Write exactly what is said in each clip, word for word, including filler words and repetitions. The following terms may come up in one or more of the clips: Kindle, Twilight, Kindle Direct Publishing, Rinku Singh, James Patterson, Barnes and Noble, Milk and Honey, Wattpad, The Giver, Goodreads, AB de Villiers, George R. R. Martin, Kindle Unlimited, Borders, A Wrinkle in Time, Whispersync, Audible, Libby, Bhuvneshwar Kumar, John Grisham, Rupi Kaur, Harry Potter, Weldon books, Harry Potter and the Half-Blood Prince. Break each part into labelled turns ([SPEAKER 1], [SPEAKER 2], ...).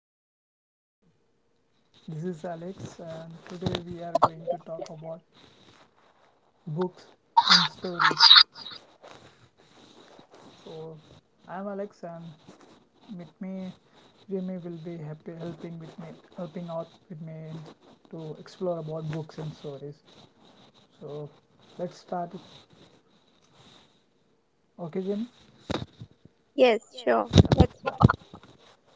[SPEAKER 1] everyone, this is Alex, and today we are going to talk about books and stories. So, I'm Alex, and with me, Jimmy will be happy helping with me, helping out with me to explore about books and stories. So, let's start. Okay, Jimmy?
[SPEAKER 2] Yes, sure. That's
[SPEAKER 1] Yeah.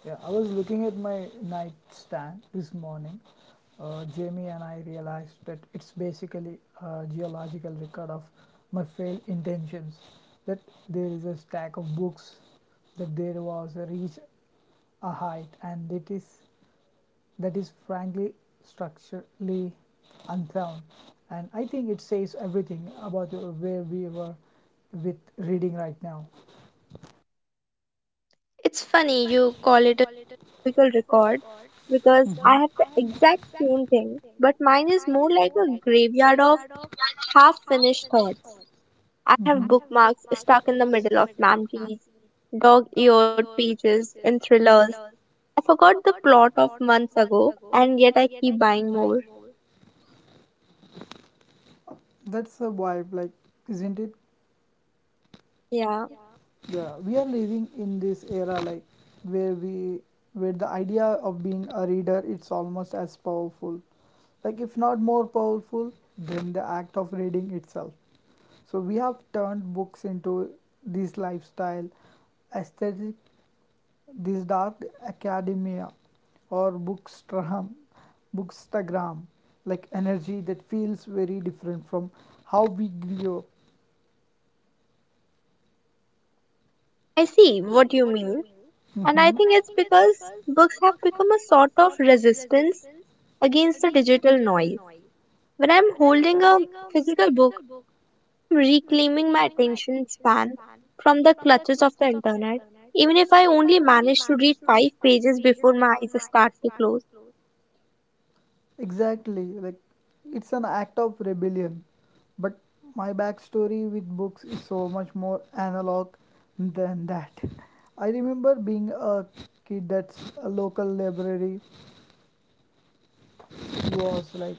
[SPEAKER 1] Yeah, I was looking at my nightstand this morning. Uh, Jamie and I realized that it's basically a geological record of my failed intentions. That there is a stack of books, that there was a reach, a height, and that is that is frankly structurally unsound. And I think it says everything about uh, where we were with reading right now.
[SPEAKER 2] it's funny you call it a typical record because I
[SPEAKER 1] Mhm.
[SPEAKER 2] have the exact same thing, but mine is more like a graveyard of half finished thoughts. I have
[SPEAKER 1] of
[SPEAKER 2] bookmarks stuck in the middle of memories, dog eared pages in thrillers. I forgot the plot of months ago, and yet I keep buying more.
[SPEAKER 1] That's the vibe, like, isn't it?
[SPEAKER 2] Yeah,
[SPEAKER 1] Yeah, we are living in this era, like, where we where the idea of being a reader, it's almost as powerful, like, if not more powerful than the act of reading itself. So we have turned books into this lifestyle aesthetic, this dark academia or bookstagram bookstagram, like, energy that feels very different from how we grew up.
[SPEAKER 2] I see what you mean, and I
[SPEAKER 1] Mhm.
[SPEAKER 2] think it's because books have become a sort of resistance against the digital noise. When I'm holding a physical book, I'm reclaiming my attention span from the clutches of the internet. Even if I only manage to read five pages before my eyes start to close,
[SPEAKER 1] Exactly, like, it's an act of rebellion. But my backstory with books is so much more analog than that. I remember being a kid that's a local library was like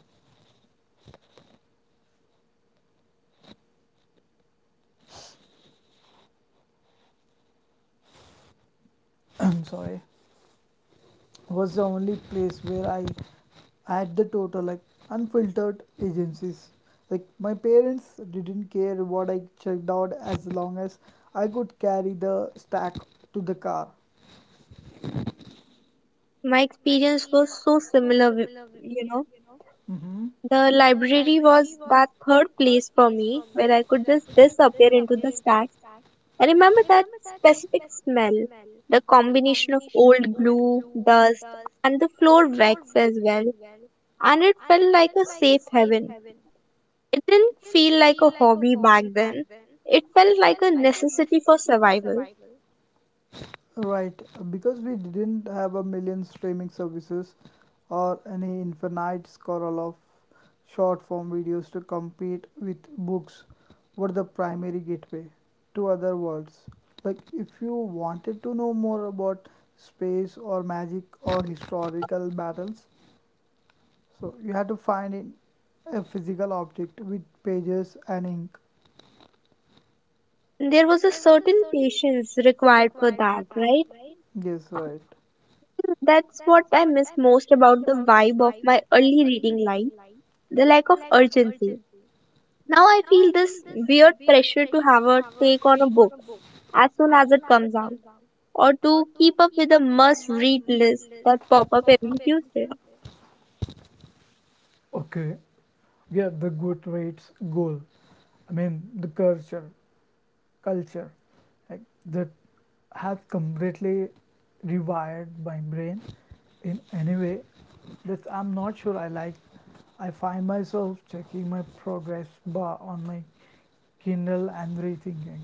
[SPEAKER 1] I'm sorry was the only place where I had the total, like, unfiltered agencies. Like, my parents didn't care what I checked out as long as I could carry the stack to the car.
[SPEAKER 2] my experience was so similar. with- You know,
[SPEAKER 1] Mm-hmm.
[SPEAKER 2] the library was that third place for me where I could just disappear into the stacks. I remember that specific smell, the combination of old glue, dust, and the floor wax as well, and it felt like a safe haven. It didn't feel like a hobby back then. It felt like a necessity for survival.
[SPEAKER 1] Right. Uh, because we didn't have a million streaming services or any infinite scroll of short form videos to compete with, books were the primary gateway to other worlds. Like, if you wanted to know more about space or magic or historical battles, so you had to find in a physical object with pages and ink.
[SPEAKER 2] There was a certain patience required for that, right?
[SPEAKER 1] Yes, right.
[SPEAKER 2] That's what I miss most about the vibe of my early reading life, the lack of urgency. Now I feel this weird pressure to have a take on a book as soon as it comes out, or to keep up with the must read list that pop up every Tuesday.
[SPEAKER 1] Okay, yeah, the Goodreads goal, I mean, the culture culture, like, that has completely rewired my brain in any way that I'm not sure I like. I find myself checking my progress bar on my Kindle and rethinking,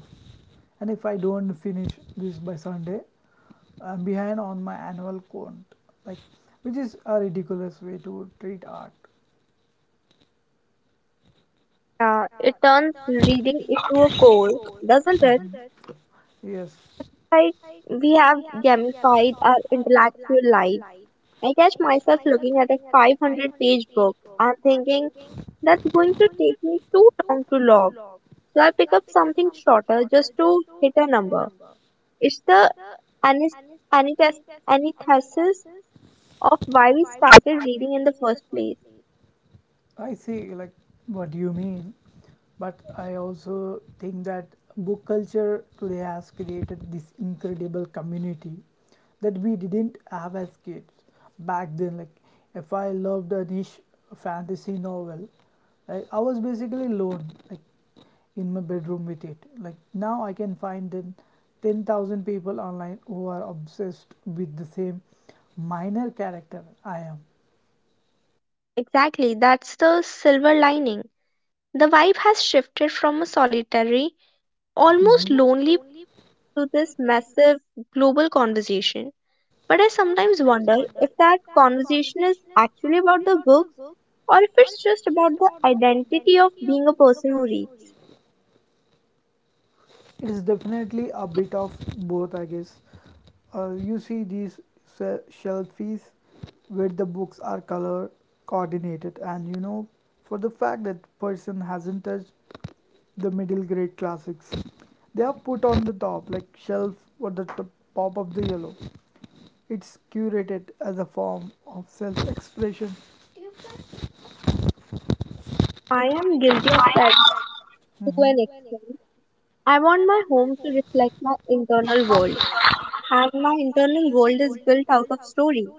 [SPEAKER 1] and if I don't finish this by Sunday, I'm behind on my annual count, like, which is a ridiculous way to treat art.
[SPEAKER 2] Uh, it turns reading into a chore, doesn't it?
[SPEAKER 1] Yes.
[SPEAKER 2] Like we have gamified our intellectual lives. I catch myself looking at a five hundred page book and thinking that's going to take me too long to log. So I pick up something shorter just to hit a number. It's the anis- anitas- antithesis of why we started reading in the first place.
[SPEAKER 1] I see, like, what you mean, but I also think that book culture today has created this incredible community that we didn't have as kids back then. Like, if I loved a niche fantasy novel, like, I was basically alone, like, in my bedroom with it. Like, now I can find in ten thousand people online who are obsessed with the same minor character I am.
[SPEAKER 2] Exactly, that's the silver lining. The vibe has shifted from a solitary, almost lonely,
[SPEAKER 1] Mhm.
[SPEAKER 2] to this massive global conversation. But I sometimes wonder if that conversation is actually about the books or if it's just about the identity of being a person who reads.
[SPEAKER 1] It is definitely a bit of both, I guess. Uh, you see these se- shelfies where the books are color coordinated, and you know for the fact that person hasn't touched the middle grade classics. They are put on the top, like, shelf or the top pop of the yellow. It's curated as a form of self expression.
[SPEAKER 2] I am guilty of that to an
[SPEAKER 1] Hmm.
[SPEAKER 2] extent. I want my home to reflect my internal world, and my internal world is built out of story.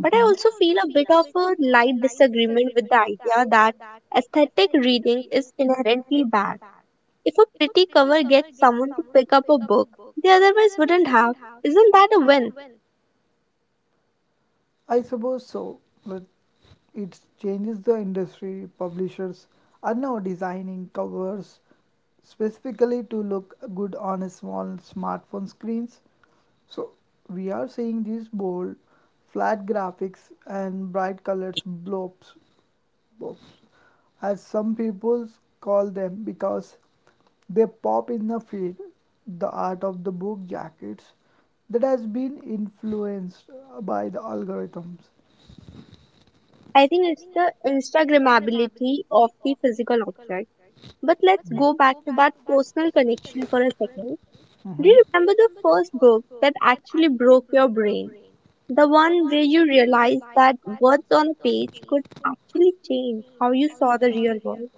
[SPEAKER 2] But I also feel a bit of a light disagreement with the idea that aesthetic reading is inherently bad. If a pretty cover gets someone to pick up a book they otherwise wouldn't have, isn't that a win?
[SPEAKER 1] I suppose so, but it changes the industry. Publishers are now designing covers specifically to look good on a small smartphone screens. So we are seeing these bold, flat graphics and bright colors blobs, blobs as some people call them because they pop in the feed. The art of the book jackets that has been influenced by the algorithms.
[SPEAKER 2] I think it's the Instagrammability of the physical object. But let's go back to that personal connection for a second. Do
[SPEAKER 1] Mhm.
[SPEAKER 2] you remember the first book that actually broke your brain? The one where you realized that words on a page could actually change how you saw the real world.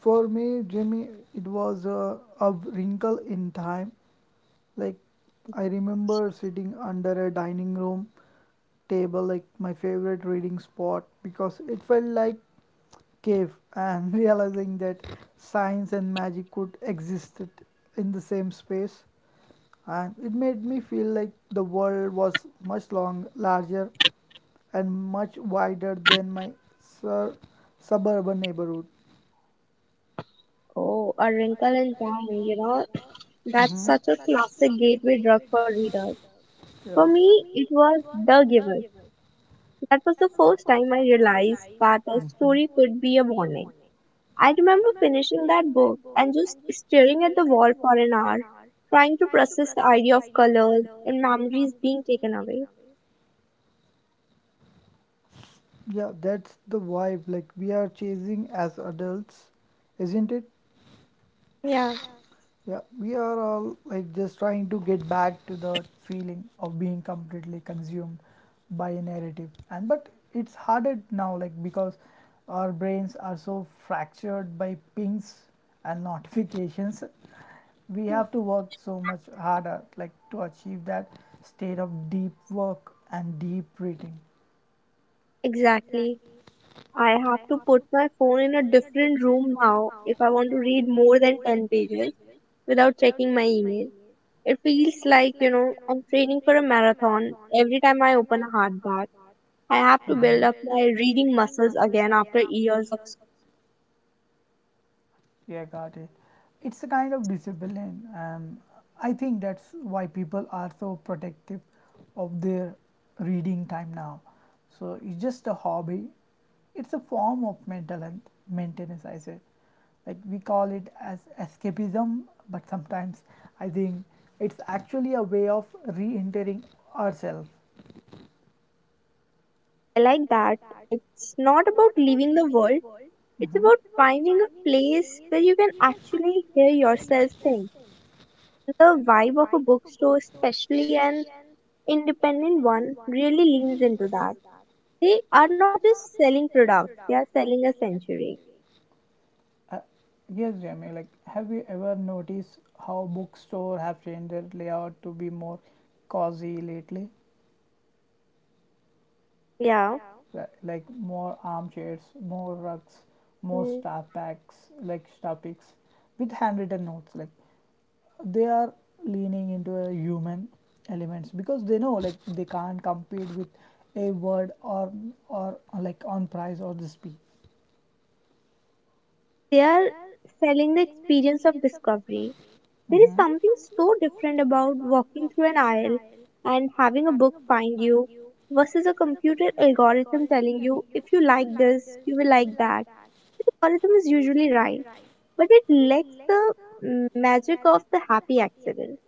[SPEAKER 1] For me, Jimmy, it was a, a wrinkle in time. Like, I remember sitting under a dining room table, like my favorite reading spot, because it felt like cave, and realizing that science and magic could exist it- in the same space, and it made me feel like the world was much long, larger, and much wider than my sur- suburban neighborhood.
[SPEAKER 2] Oh, A Wrinkle in Time, you know, that's
[SPEAKER 1] Mm-hmm.
[SPEAKER 2] such a classic gateway drug for readers.
[SPEAKER 1] Yeah.
[SPEAKER 2] For me, it was The Giver. That was the first time I realized that a story could be a warning. I remember finishing that book and just staring at the wall for an hour, trying to process the idea of colors and memories being taken away.
[SPEAKER 1] Yeah, that's the vibe, like, we are chasing as adults, isn't it?
[SPEAKER 2] Yeah.
[SPEAKER 1] Yeah, we are all, like, just trying to get back to the feeling of being completely consumed by a narrative. And but it's harder now, like, because our brains are so fractured by pings and notifications. We have to work so much harder, like, to achieve that state of deep work and deep reading.
[SPEAKER 2] Exactly. I have to put my phone in a different room now if I want to read more than ten pages without checking my email. It feels like, you know, I'm training for a marathon every time I open a hardback. I have to
[SPEAKER 1] Mhm.
[SPEAKER 2] build up my reading muscles again after years of.
[SPEAKER 1] Yeah, got it. It's a kind of discipline, and I think that's why people are so protective of their reading time now. So it's just a hobby. It's a form of mental health maintenance, I said. Like, we call it as escapism, but sometimes I think it's actually a way of re-entering ourselves.
[SPEAKER 2] I like that. It's not about leaving the world, it's
[SPEAKER 1] Mhm.
[SPEAKER 2] about finding a place where you can actually hear yourself think. The vibe of a bookstore, especially an independent one, really leans into that. They are not just selling products, they are selling a century.
[SPEAKER 1] Uh, yes, Jamie. Like, have you ever noticed how bookstore have changed their layout to be more cozy lately?
[SPEAKER 2] Yeah.
[SPEAKER 1] Li- Like, more armchairs, more rugs, more
[SPEAKER 2] Mm.
[SPEAKER 1] star packs, like, star picks with handwritten notes. Like, they are leaning into a human elements because they know, like, they can't compete with a word or or like on price or the speed.
[SPEAKER 2] They are selling the experience of discovery. There is
[SPEAKER 1] Mhm.
[SPEAKER 2] something so different about walking through an aisle and having a book find you versus a computer algorithm telling you if you like this, you will like that. The algorithm is usually right, but it lacks the mm, magic of the happy accident.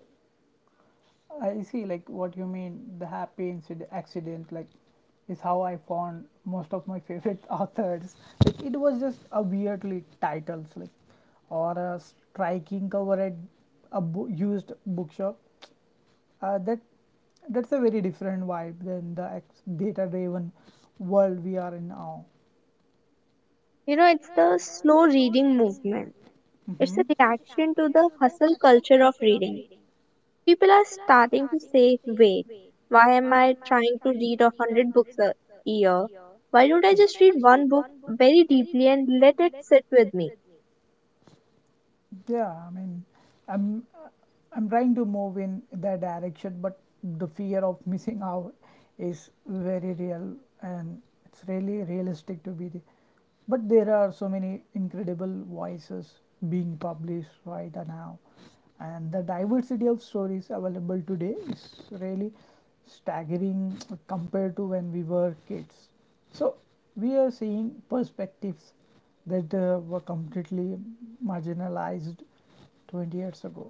[SPEAKER 1] I see, like, what you mean. The happy incident, accident, like, is how I found most of my favorite authors. Like, it was just a weirdly titles, like, or a striking cover at a bo- used bookshop. Uh, that that's a very different vibe than the ex- data-driven world we are in now.
[SPEAKER 2] You know, it's the slow reading movement. It's a
[SPEAKER 1] Mm-hmm.
[SPEAKER 2] reaction to the hustle culture of reading. People are starting to say, wait, why am I trying to read a hundred books a year? Why don't I just read one book very deeply and let it sit with me?
[SPEAKER 1] Yeah, I mean, I'm I'm trying to move in that direction, but the fear of missing out is very real, and it's really realistic to be there. But there are so many incredible voices being published right now, and the diversity of stories available today is really staggering compared to when we were kids. So we are seeing perspectives that uh, were completely marginalized twenty years ago.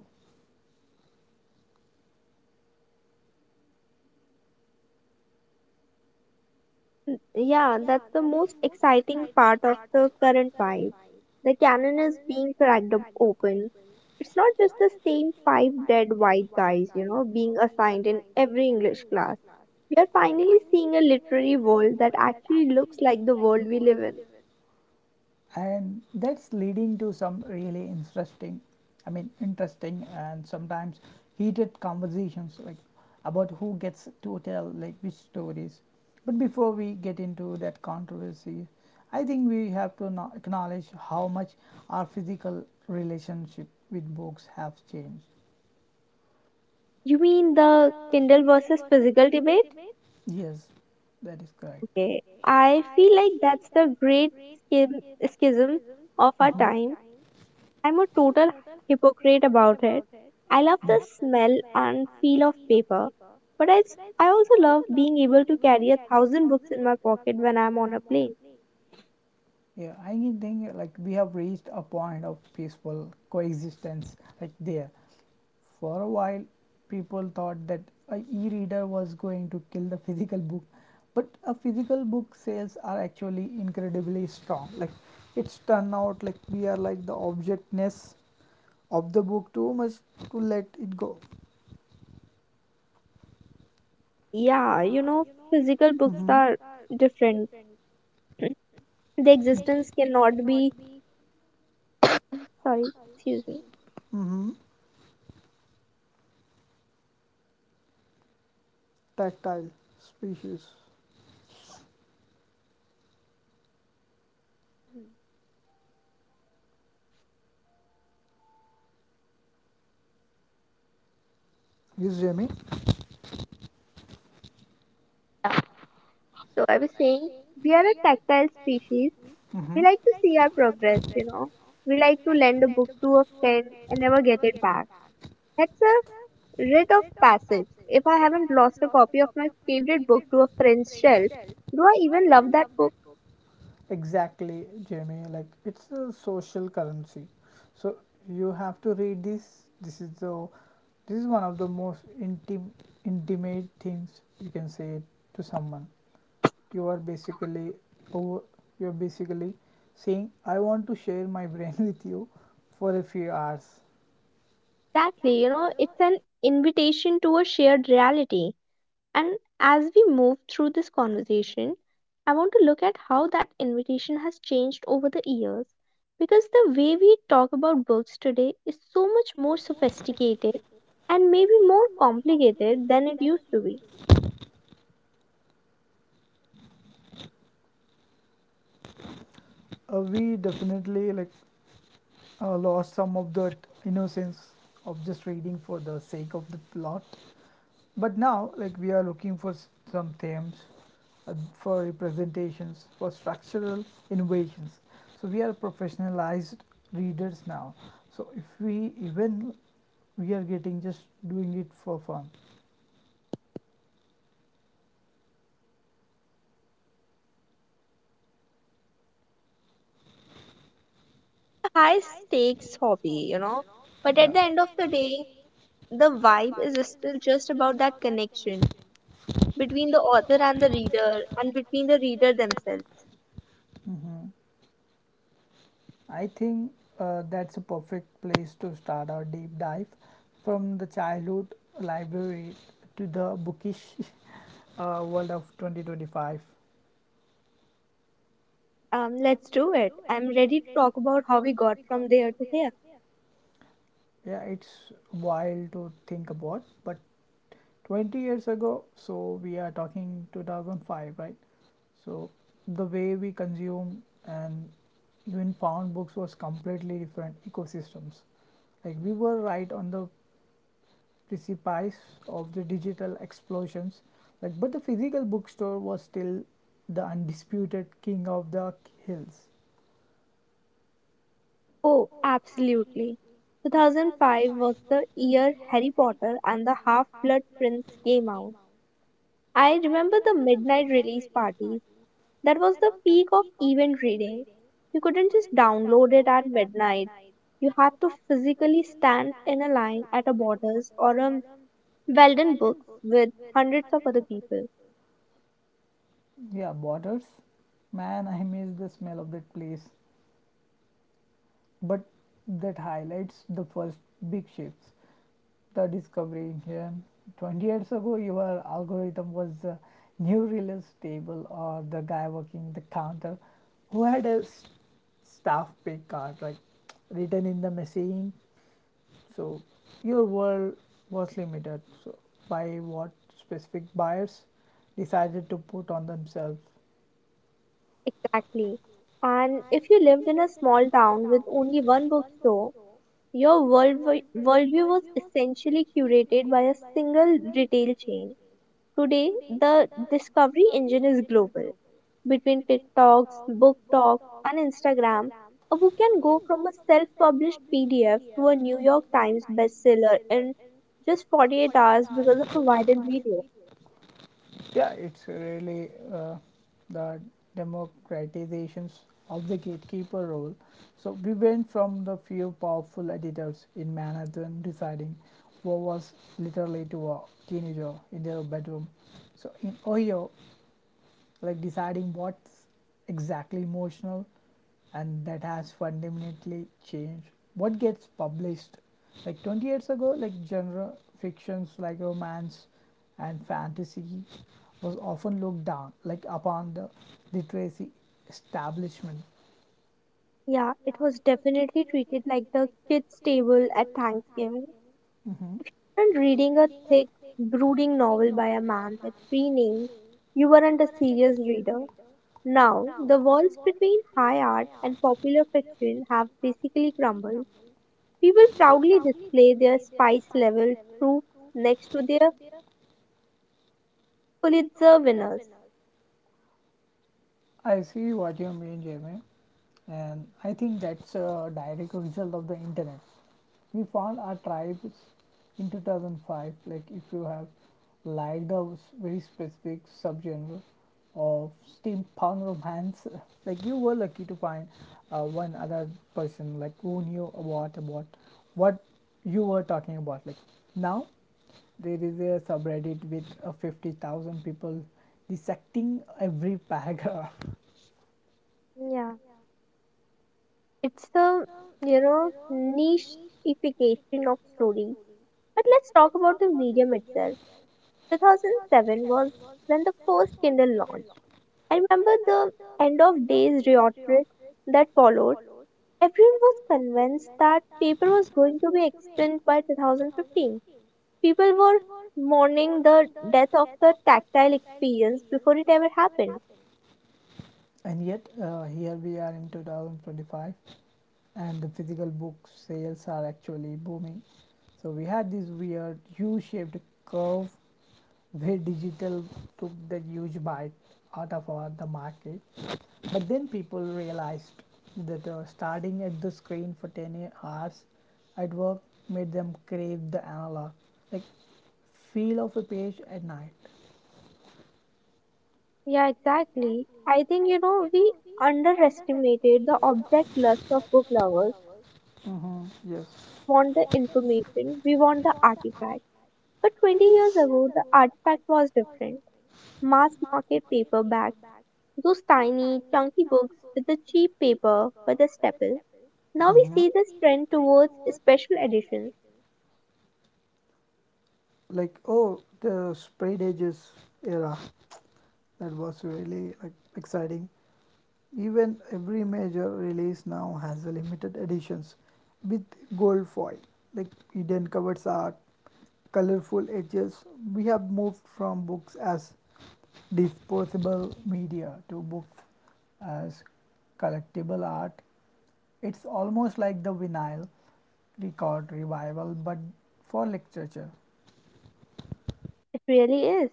[SPEAKER 2] Yeah, that's the most exciting part of the current vibe. The cannon is being cracked up open. It's not just the same five dead white guys, you know, being assigned in every English class. We are finally seeing a literary world that actually looks like the world we live in.
[SPEAKER 1] And that's leading to some really interesting I mean interesting and sometimes heated conversations, like, about who gets to tell, like, which stories. But before we get into that controversy, I think we have to no- acknowledge how much our physical relationship with books have changed.
[SPEAKER 2] You mean the Kindle versus physical debate?
[SPEAKER 1] Yes, that is correct.
[SPEAKER 2] Okay. I feel like that's the great schism, schism of our
[SPEAKER 1] Mhm.
[SPEAKER 2] time. I'm a total hypocrite about it. I love
[SPEAKER 1] Mm.
[SPEAKER 2] the smell and feel of paper, but I, s- I also love being able to carry a thousand books in my pocket when I'm on a plane.
[SPEAKER 1] Yeah, I think think, like, we have reached a point of peaceful coexistence, like, there. For a while, people thought that a e-reader was going to kill the physical book, but a physical book sales are actually incredibly strong. Like, it's turned out, like, we are like the objectness of the book too much to let it go.
[SPEAKER 2] Yeah, you know, physical books
[SPEAKER 1] Mhm.
[SPEAKER 2] are different. The existence cannot be. Sorry, excuse me.
[SPEAKER 1] Hmm. Tactile species. Yes, Jamie.
[SPEAKER 2] So I was saying, we are a tactile species. We
[SPEAKER 1] Mm-hmm.
[SPEAKER 2] like to see our progress, you know. We like to lend a book to a friend and never get it back. That's a rite of passage. If I haven't lost a copy of my favorite book to a friend's shelf, do I even love that book?
[SPEAKER 1] Exactly, Jamie. Like, it's a social currency, so you have to read this. This is the This is one of the most intim intimate things you can say to someone. You are basically over. You're basically saying, "I want to share my brain with you for a few hours."
[SPEAKER 2] Exactly, you know, it's an invitation to a shared reality. And as we move through this conversation, I want to look at how that invitation has changed over the years. Because the way we talk about books today is so much more sophisticated and maybe more complicated than it used to be.
[SPEAKER 1] Uh, we definitely, like, uh, lost some of that innocence of just reading for the sake of the plot. But now, like, we are looking for s- some themes, uh, for representations, for structural innovations. So we are professionalized readers now. So if we even we are getting just doing it for fun.
[SPEAKER 2] High stakes hobby, you know. But at
[SPEAKER 1] Yeah.
[SPEAKER 2] the end of the day, the vibe is still just about that connection between the author and the reader and between the reader themselves.
[SPEAKER 1] Hmm. I think uh, that's a perfect place to start our deep dive from the childhood library to the bookish uh, world of twenty twenty-five.
[SPEAKER 2] Um, let's do it. I'm ready to talk about how we got from there to here.
[SPEAKER 1] Yeah, it's wild to think about, but twenty years ago, so we are talking two thousand five, right? So the way we consume and even found books was completely different ecosystems. Like, we were right on the precipice of the digital explosions, like, but the physical bookstore was still the undisputed king of the hills.
[SPEAKER 2] Oh, absolutely. two thousand five was the year Harry Potter and the Half-Blood Prince came out. I remember the midnight release parties. That was the peak of event reading. You couldn't just download it at midnight. You had to physically stand in a line at a Borders or a Weldon books with hundreds of other people.
[SPEAKER 1] Yeah, borders, man, I miss the smell of that place. But that highlights the first big shifts, the discovery engine. twenty years ago, your algorithm was the new release table or the guy working the counter who had a s- staff pay card, like, written in the machine. So your world was limited, so, by what specific buyers decided to put on themselves.
[SPEAKER 2] Exactly. And if you lived in a small town with only one bookstore, your world worldview was essentially curated by a single retail chain. Today, the discovery engine is global. Between TikToks, Book Talk, and Instagram, a book can go from a self published P D F to a New York Times bestseller in just forty-eight hours because of a viral video.
[SPEAKER 1] Yeah, it's really, uh, the democratizations of the gatekeeper role. So we went from the few powerful editors in Manhattan deciding what was literally to a teenager in their bedroom. So, in Ohio, like, deciding what's exactly emotional, and that has fundamentally changed what gets published. Like, twenty years ago, like, genre fictions like romance and fantasy was often looked down, like, upon the literacy establishment.
[SPEAKER 2] Yeah, it was definitely treated like the kids' table at Thanksgiving.
[SPEAKER 1] Mhm.
[SPEAKER 2] And reading a thick, brooding novel by a man with three names, you weren't a serious reader. Now, the walls between high art and popular fiction have basically crumbled. People proudly display their spice level proof next to their Pulitzer winners.
[SPEAKER 1] I see what you mean, Jamie, and I think that's a direct result of the internet. We found our tribes in two thousand five. Like, if you have liked a very specific subgenre of steampunk romance like you were lucky to find uh, one other person, like, who knew about about what you were talking about. Like, now there is a subreddit with uh, fifty thousand people dissecting every paragraph.
[SPEAKER 2] Yeah, it's the, you know, nicheification of story. But let's talk about the medium itself. two thousand seven was when the first Kindle launched. I remember the end of days rhetoric that followed. Everyone was convinced that paper was going to be extinct by two thousand fifteen. People were mourning the death of the tactile experience before it ever happened.
[SPEAKER 1] And yet, uh, here we are in two thousand twenty-five, and the physical book sales are actually booming. So, we had this weird U shaped curve where digital took that huge bite out of our, the market. But then people realized that uh, starting at the screen for ten hours at work made them crave the analog, like, feel of a page at night.
[SPEAKER 2] Yeah, exactly. I think, you know, we underestimated the object lust of book lovers.
[SPEAKER 1] Mm-hmm. Yes.
[SPEAKER 2] Want the information, we want the artifact. But twenty years ago, the artifact was different. Mass market paperbacks, those tiny, chunky books with the cheap paper but the staple. Now we see this trend towards special editions.
[SPEAKER 1] Like, oh, the sprayed edges era, that was really like exciting. Even every major release now has a limited editions with gold foil, like hidden covers art, colorful edges. We have moved from books as disposable media to books as collectible art. It's almost like the vinyl record revival but for literature.
[SPEAKER 2] It really is.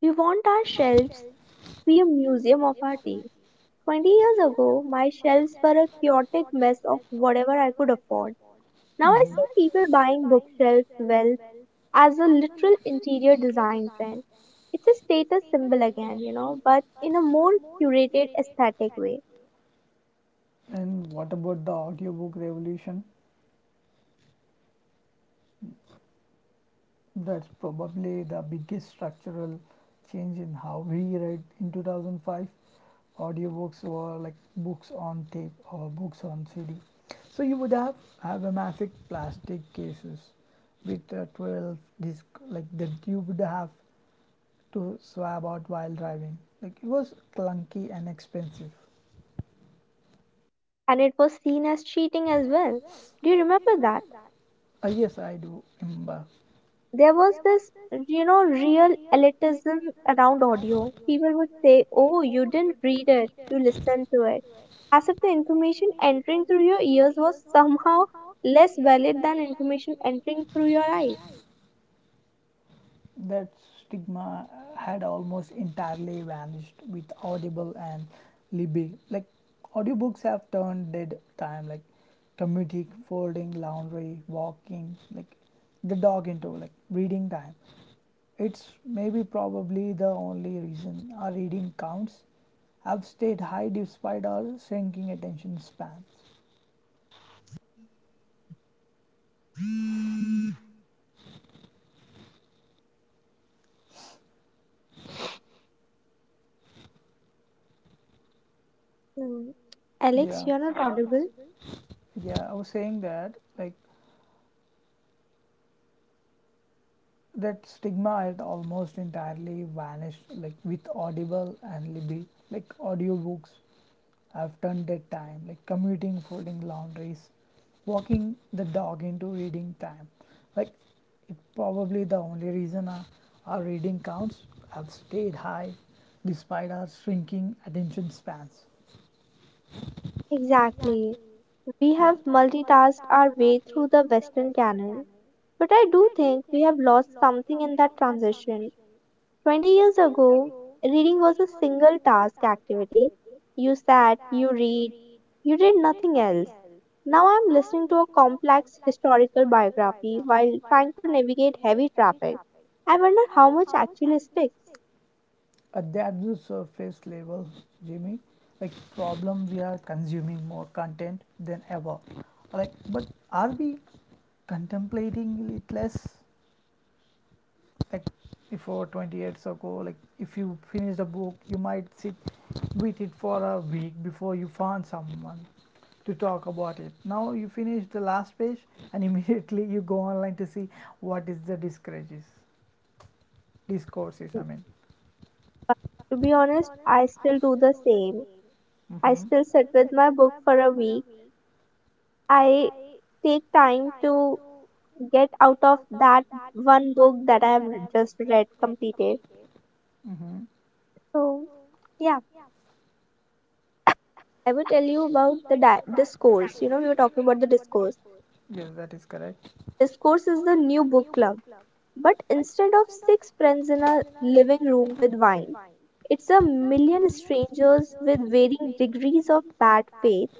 [SPEAKER 2] We want our shelves to be a museum of our taste. twenty years ago, my shelves were a chaotic mess of whatever I could afford. Now I
[SPEAKER 1] Mhm.
[SPEAKER 2] see
[SPEAKER 1] I
[SPEAKER 2] people buying bookshelf wealth as a literal interior design trend. It's a status symbol again, you know, but in a more curated aesthetic way.
[SPEAKER 1] And what about the audiobook revolution? That's probably the biggest structural change in how we read in two thousand five. Audiobooks were like books on tape or books on C D. So you would have have a massive plastic cases with a twelve disc like that you would have to swab out while driving. Like, it was clunky and expensive.
[SPEAKER 2] And it was seen as cheating as well. Do you remember that?
[SPEAKER 1] Uh, yes, I do remember.
[SPEAKER 2] There was this, you know, real elitism around audio. People would say, oh, you didn't read it, you listened to it. As if the information entering through your ears was somehow less valid than information entering through your eyes.
[SPEAKER 1] That stigma had almost entirely vanished with Audible and Libby. Like, audiobooks have turned dead time, like commuting, folding, laundry, walking, like the dog into like reading time. It's maybe probably the only reason our reading counts have stayed high despite our shrinking attention spans. Yeah. Yeah, I was saying that, like that stigma had almost entirely vanished like with Audible and Libby. Like audiobooks, I've turned that time like commuting, folding laundries, walking the dog into reading time. Like, it probably the only reason our, our reading counts have stayed high despite our shrinking attention spans.
[SPEAKER 2] Exactly. We
[SPEAKER 1] Yeah.
[SPEAKER 2] have multitasked our way through the Western canon, but I do think we have lost something in that transition. twenty years ago, reading was a single task activity. You sat, you read, you did nothing else. Now I'm listening to a complex historical biography while trying to navigate heavy traffic. I wonder how much actually sticks.
[SPEAKER 1] Uh, that's the surface level, Jimmy. Like, problem, we are consuming more content than ever. Like, but are we contemplating it less? Like, before twenty years ago, like if you finish a book, you might sit with it for a week before you find someone to talk about it. Now you finish the last page and immediately you go online to see what is the discourses, discourses i mean
[SPEAKER 2] Uh, to be honest, I still do the same. I still
[SPEAKER 1] Mm-hmm.
[SPEAKER 2] sit with my book for a week. I take time to get out of that one book that I have just read completed.
[SPEAKER 1] Mm-hmm.
[SPEAKER 2] So, yeah, I will tell you about the di- discourse. You know, we were talking about the discourse.
[SPEAKER 1] Yes, that is correct.
[SPEAKER 2] Discourse is the new book club, but instead of six friends in a living room with wine, it's a million strangers with varying degrees of bad faith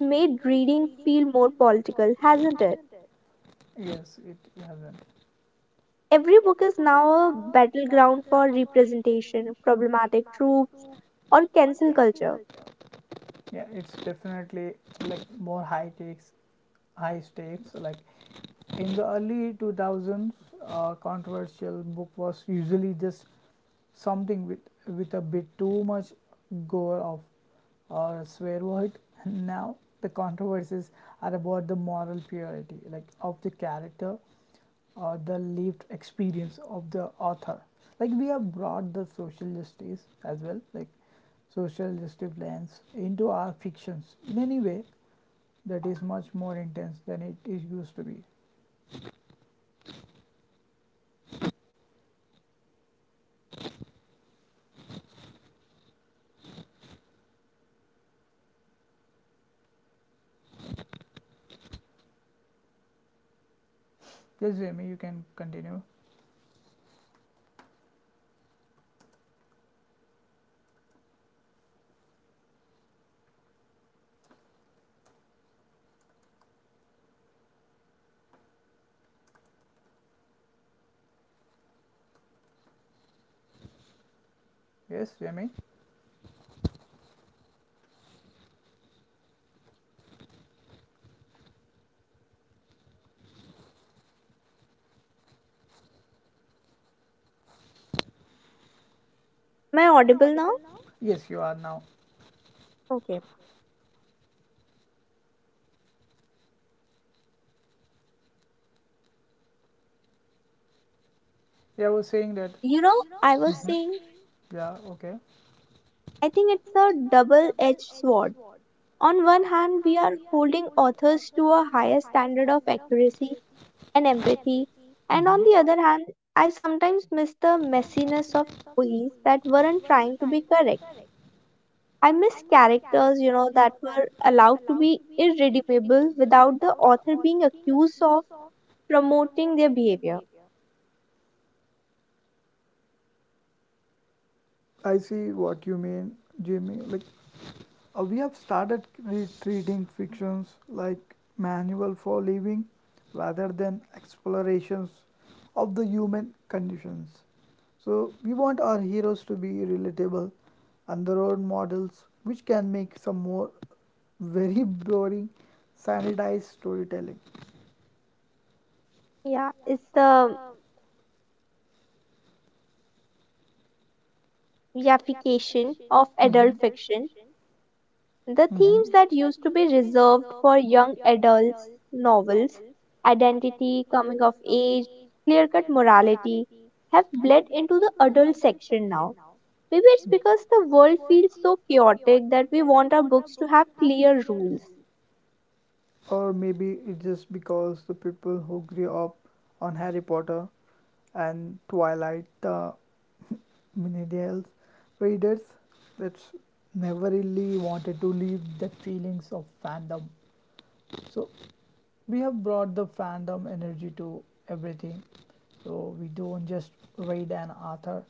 [SPEAKER 2] made reading feel more political, hasn't it?
[SPEAKER 1] Yes, it hasn't.
[SPEAKER 2] Every book is now a battleground for representation, problematic troops, or cancel culture.
[SPEAKER 1] Yeah, it's definitely like more high takes high stakes. Like, in the early two thousands, uh, controversial book was usually just something with with a bit too much gore of or swear word. Now the controversies are about the moral purity, like of the character or the lived experience of the author. Like, we have brought the social justice as well, like social justice lens into our fictions in any way that is much more intense than it is used to be. Yes, Jamie, you can continue. Yes, Jamie.
[SPEAKER 2] Am I audible now?
[SPEAKER 1] Yes, you are now.
[SPEAKER 2] Okay.
[SPEAKER 1] Yeah, I was saying that.
[SPEAKER 2] You know, I
[SPEAKER 1] Mhm.
[SPEAKER 2] was
[SPEAKER 1] saying,
[SPEAKER 2] saying,
[SPEAKER 1] Yeah, okay.
[SPEAKER 2] I think it's a double edged sword. On one hand, we are holding authors to a higher standard of accuracy and empathy, and on the
[SPEAKER 1] Hmm.
[SPEAKER 2] other hand, I sometimes miss the messiness of stories that weren't trying to be correct. I miss characters, you know, that were allowed to be irredeemable without the author being accused of promoting their behavior.
[SPEAKER 1] I see what you mean, Jamie. Like, uh, we have started re- treating fictions like manual for living rather than explorations of the human conditions. So, we want our heroes to be relatable and the role models, which can make some more very boring, sanitized storytelling.
[SPEAKER 2] Yeah, it's the yaffication of adult
[SPEAKER 1] Mhm.
[SPEAKER 2] fiction. The
[SPEAKER 1] The Mhm.
[SPEAKER 2] themes that used to be reserved for young adults novels, identity, coming of age, clear cut morality, have bled into the adult section now. Maybe it's because the world feels so chaotic that we want our books to have clear rules.
[SPEAKER 1] Or maybe it's just because the people who grew up on Harry Potter and Twilight, the millennials readers, that's never really wanted to leave that feelings of fandom. So we have brought the fandom energy to everything. So we don't just read an author,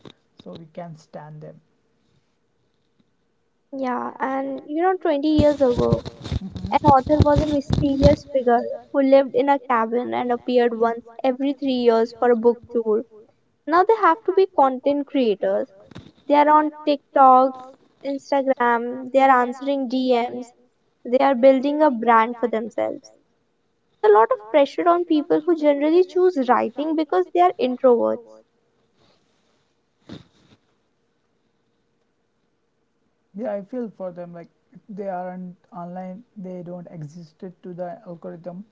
[SPEAKER 1] so we can stand them.
[SPEAKER 2] Yeah, and you know, twenty years ago, an
[SPEAKER 1] Mhm.
[SPEAKER 2] author was a mysterious figure who lived in a cabin and appeared once every three years for a book tour. Now they have to be content creators. They are on TikToks, Instagram, they are answering D Ms, they are building a brand for themselves. A lot of pressure on people who generally choose writing because they are introverts.
[SPEAKER 1] Yeah, I feel for them. Like, if they aren't online, they don't existed to the algorithm.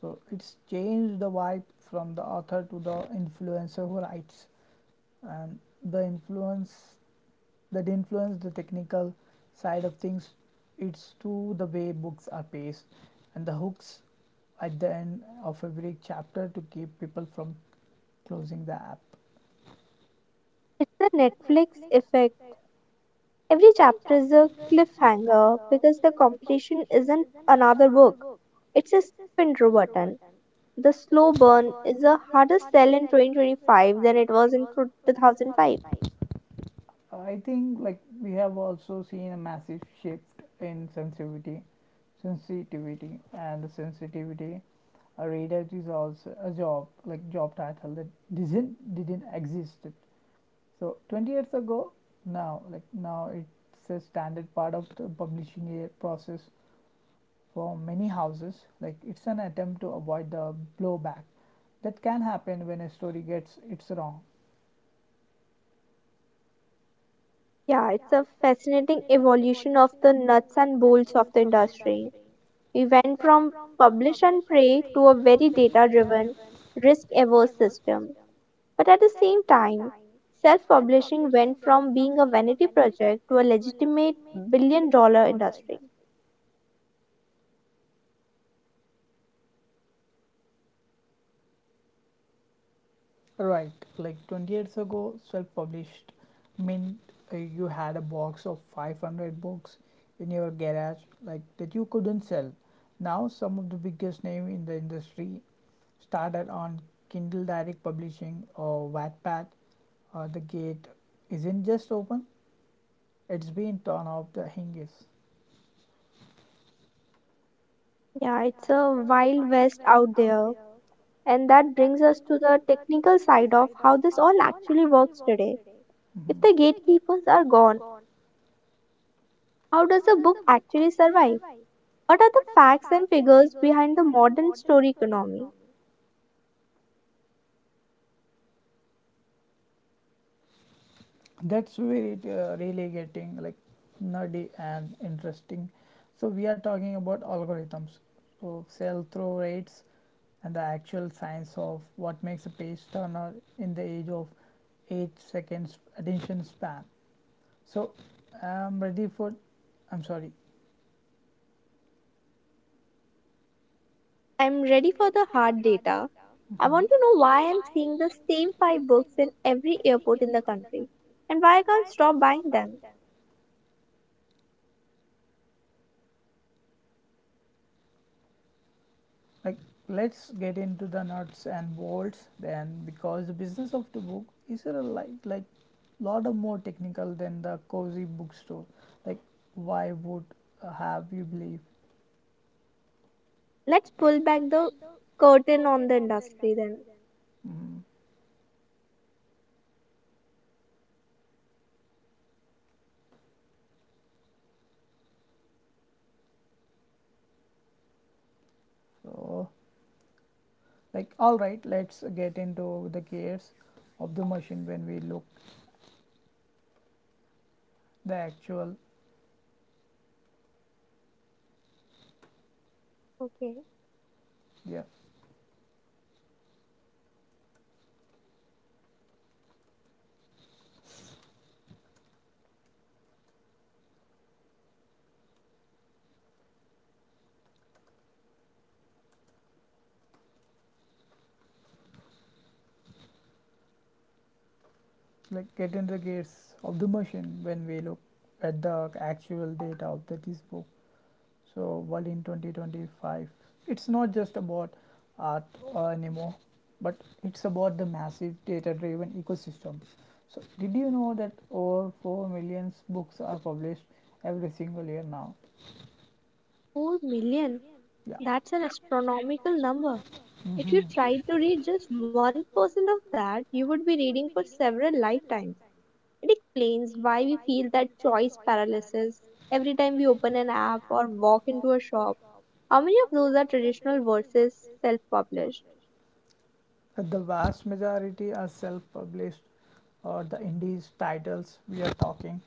[SPEAKER 1] So it's changed the vibe from the author to the influencer who writes, and the influence that influence the technical side of things, it's to the way books are paced and the hooks at the end of every chapter to keep people from closing the app.
[SPEAKER 2] It's the Netflix effect. Every chapter is a cliffhanger because the competition isn't another book. It's a slow intro button. The slow burn is a harder sell in twenty twenty-five than it was in two thousand five.
[SPEAKER 1] I think like we have also seen a massive shift in sensitivity, sensitivity, and the sensitivity. A reader is also a job, like job title that didn't didn't exist. So twenty years ago, now like now it's a standard part of the publishing process for many houses. Like, it's an attempt to avoid the blowback that can happen when a story gets it's wrong.
[SPEAKER 2] Yeah, it's a fascinating evolution of the nuts and bolts of the industry. We went from publish and pray to a very data driven, risk averse system. But at the same time, self publishing went from being a vanity project to a legitimate billion dollar industry.
[SPEAKER 1] Right, like twenty years ago, self published meant, uh, you had a box of five hundred books in your garage, like that you couldn't sell. Now, some of the biggest name in the industry started on Kindle Direct Publishing or Wattpad. Uh, the gate isn't just open, it's been torn off the hinges.
[SPEAKER 2] Yeah, it's a wild west out there. And that brings us to the technical side of how this all actually works today. If
[SPEAKER 1] Mhm.
[SPEAKER 2] the gatekeepers are gone, how does a book actually survive? What are the facts and figures behind the modern story economy?
[SPEAKER 1] That's where it, uh, really getting like nerdy and interesting. So we are talking about algorithms, so sell through rates and the actual science of what makes a page turner in the age of eight seconds attention span. So I'm ready for I'm sorry.
[SPEAKER 2] I'm ready for the hard data. I want
[SPEAKER 1] Mhm.
[SPEAKER 2] to know why I'm seeing the same five books in every airport in the country and why I can't stop buying them.
[SPEAKER 1] Like, let's get into the nuts and bolts then, because the business of the book is a like like lot of more technical than the cozy bookstore, like why would uh, have you believe.
[SPEAKER 2] Let's pull back the curtain on the industry then.
[SPEAKER 1] Mhm. So, like all right, let's get into the gears of the machine when we look the actual.
[SPEAKER 2] Okay.
[SPEAKER 1] Yeah, like get into the gears of the machine when we look at the actual data of the this book. So, world in twenty twenty-five, it's not just about art uh, anymore, but it's about the massive data-driven ecosystem. So, did you know that over four million books are published every single year now?
[SPEAKER 2] four million.
[SPEAKER 1] Yeah.
[SPEAKER 2] That's an astronomical number. If you
[SPEAKER 1] Mhm.
[SPEAKER 2] tried to read just one percent of that, you would be reading for several lifetimes. It explains why we feel that choice paralysis every time we open an app or walk into a shop. How many of those are traditional versus self published?
[SPEAKER 1] But the vast majority are self published or the indies titles we are talking,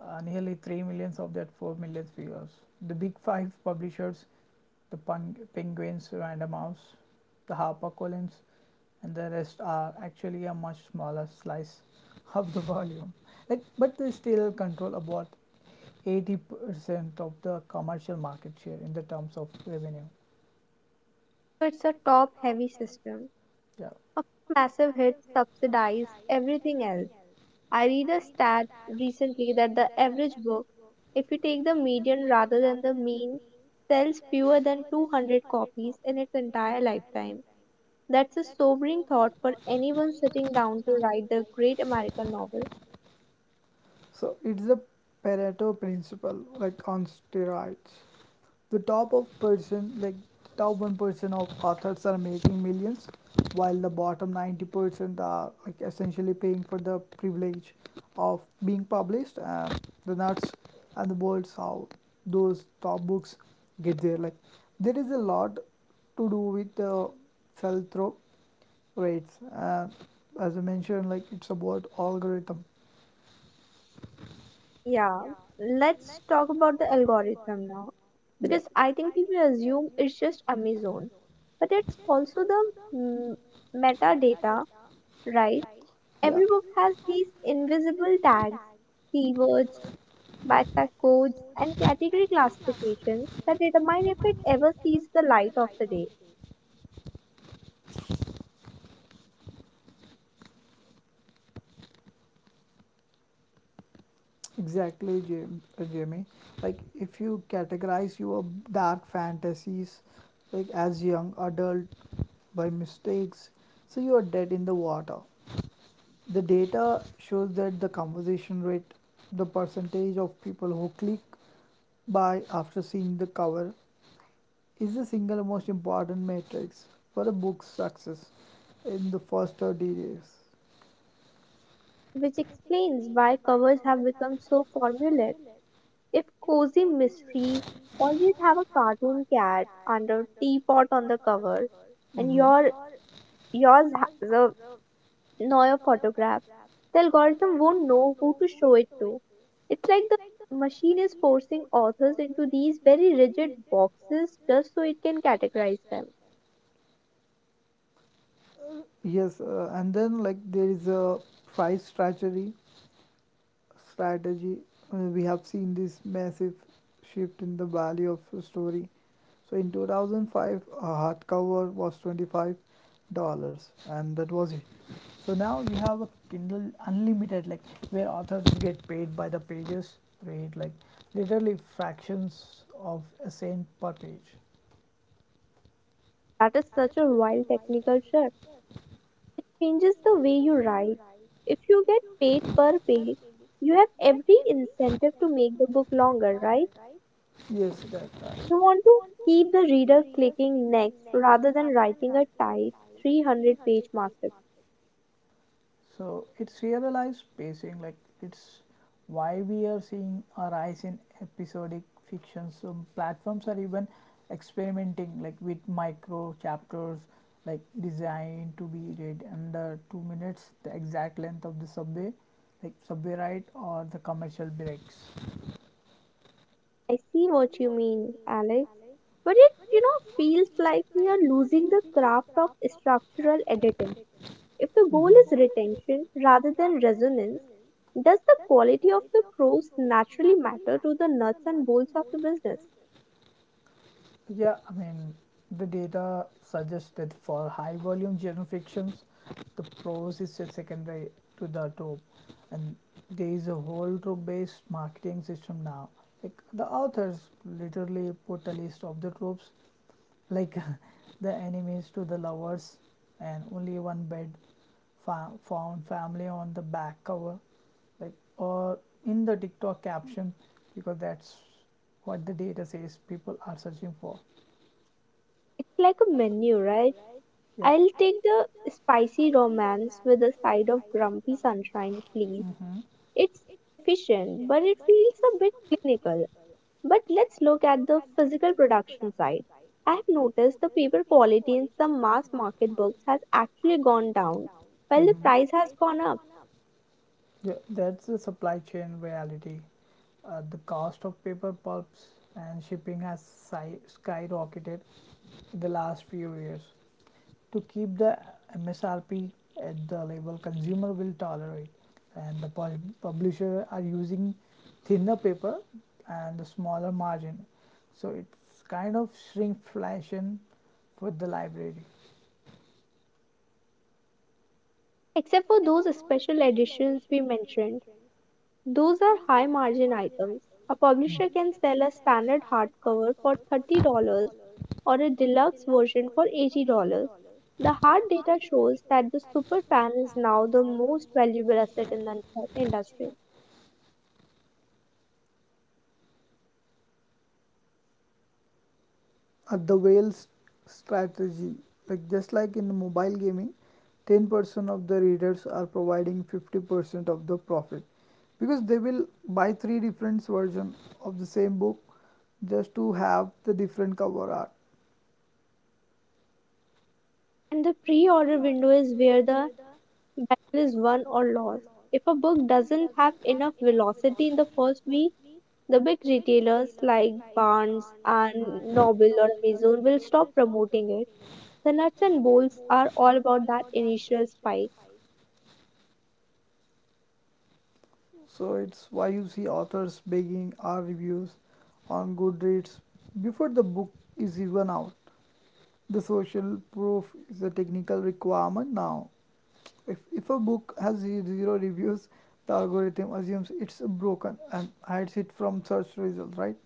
[SPEAKER 1] uh, nearly three millions of that four million figures. The big five publishers, the Peng- Penguins, Random House, the HarperCollins, and the rest are actually a much smaller slice of the volume. Like, but they still control about eighty percent of the commercial market share in the terms of revenue.
[SPEAKER 2] So it's a top heavy system.
[SPEAKER 1] Yeah.
[SPEAKER 2] A massive hit subsidizes everything else. I read a stat recently that the average book, if you take the median rather than the mean, sells fewer than two hundred copies in its entire lifetime. That's a sobering thought for anyone sitting down to write the great American novel.
[SPEAKER 1] So it's the Pareto principle, like on steroids. The top of percent, like top one percent of authors are making millions, while the bottom ninety percent are like essentially paying for the privilege of being published. And the nuts and the bolts how those top books get there. Like, there is a lot to do with the sell through rates. And as I mentioned, like it's about algorithm.
[SPEAKER 2] Yeah, let's talk about the algorithm now
[SPEAKER 1] Yeah.
[SPEAKER 2] because I think people assume it's just Amazon, but it's also the mm, metadata, right?
[SPEAKER 1] Yeah.
[SPEAKER 2] Every book has these invisible tags, keywords, Backpack codes and category classifications that determine if it ever sees the light of the day,
[SPEAKER 1] Exactly, Jam- uh, Jamie. Like, if you categorize your dark fantasies like as young adult by mistakes, so you are dead in the water. The data shows that the conversation rate, the percentage of people who click buy after seeing the cover, is the single most important matrix for a book's success in the first thirty days.
[SPEAKER 2] which explains why covers have become so formulaic. If cozy mysteries always have a cartoon cat under teapot on the cover, and
[SPEAKER 1] Mhm.
[SPEAKER 2] your yours has a Neuer photograph, the algorithm won't know who to show it to. It's like the machine is forcing authors into these very rigid boxes just so it can categorize them.
[SPEAKER 1] Yes, uh, and then like there is a price strategy strategy. Uh, we have seen this massive shift in the value of a story. So in two thousand five, a hardcover was twenty-five dollars and that was it. So now you have a Kindle Unlimited, like where authors get paid by the pages rate, like literally fractions of a cent per page.
[SPEAKER 2] That is such a wild technical shift. It changes the way you write. If you get paid per page, you have every incentive to make the book longer, right?
[SPEAKER 1] Yes, that's right.
[SPEAKER 2] You want to keep the reader clicking next rather than writing a tight three hundred page masterpiece.
[SPEAKER 1] So it's serialized pacing, like it's why we are seeing a rise in episodic fiction. Some platforms are even experimenting like with micro chapters like designed to be read under two minutes, the exact length of the subway, like subway ride or the commercial breaks.
[SPEAKER 2] I see what you mean, Alex. But it, you know, feels like we are losing the craft of structural editing. If the goal is
[SPEAKER 1] Mhm.
[SPEAKER 2] retention rather than resonance, does the quality of the prose naturally matter to the nuts and bolts of the business?
[SPEAKER 1] Yeah, I mean, the data suggests that for high volume genre fictions, the prose is just secondary to the trope, and there is a whole trope based marketing system now. Like, the authors literally put a list of the tropes, like the enemies to the lovers, and only one bed fa- found family on the back cover, like, or in the TikTok caption, because that's what the data says people are searching for.
[SPEAKER 2] It's like a menu, right?
[SPEAKER 1] Yeah.
[SPEAKER 2] I'll take the spicy romance with a side of grumpy sunshine, please. It's efficient, but it feels a bit clinical. But let's look at the physical production side. I have noticed the paper quality in some mass market books has actually gone down while the
[SPEAKER 1] Mm-hmm.
[SPEAKER 2] price
[SPEAKER 1] Mm-hmm.
[SPEAKER 2] has gone up.
[SPEAKER 1] Yeah, that's the supply chain reality. Uh, the cost of paper pulps and shipping has si- skyrocketed in the last few years. To keep the M S R P at the level consumer will tolerate, and the pub- publisher are using thinner paper and the smaller margin, so it's kind of shrinkflation for the library.
[SPEAKER 2] Except for those special editions we mentioned, those are high margin items. A publisher can sell a standard hardcover for thirty dollars or a deluxe version for eighty dollars. The hard data shows that the superfan is now the most valuable asset in the industry.
[SPEAKER 1] At the whale's strategy, like just like in mobile gaming, ten percent of the readers are providing fifty percent of the profit, because they will buy three different versions of the same book just to have the different cover art.
[SPEAKER 2] And the pre order window is where the battle is won or lost. If a book doesn't have enough velocity in the first week, the big retailers like Barnes and Noble or Amazon will stop promoting it. The nuts and bolts are all about that initial spike.
[SPEAKER 1] So it's why you see authors begging our reviews on Goodreads before the book is even out. The social proof is a technical requirement now. If, if a book has zero reviews, the algorithm assumes it's broken and hides it from search results, right?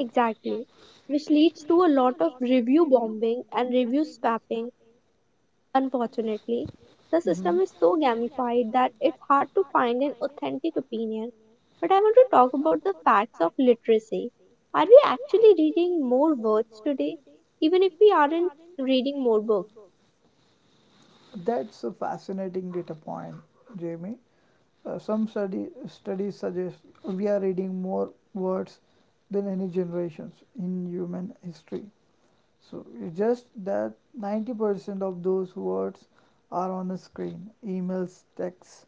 [SPEAKER 2] Exactly. Which leads to a lot of review bombing and review swapping. Unfortunately, the
[SPEAKER 1] Hmm.
[SPEAKER 2] system is so gamified that it's hard to find an authentic opinion. But I want to talk about the facts of literacy. Are we actually reading more words today? Even if we aren't reading more books.
[SPEAKER 1] That's a fascinating data point, Jamie. Uh, some study, studies suggest we are reading more words than any generations in human history. So it's just that ninety percent of those words are on a screen: emails, texts,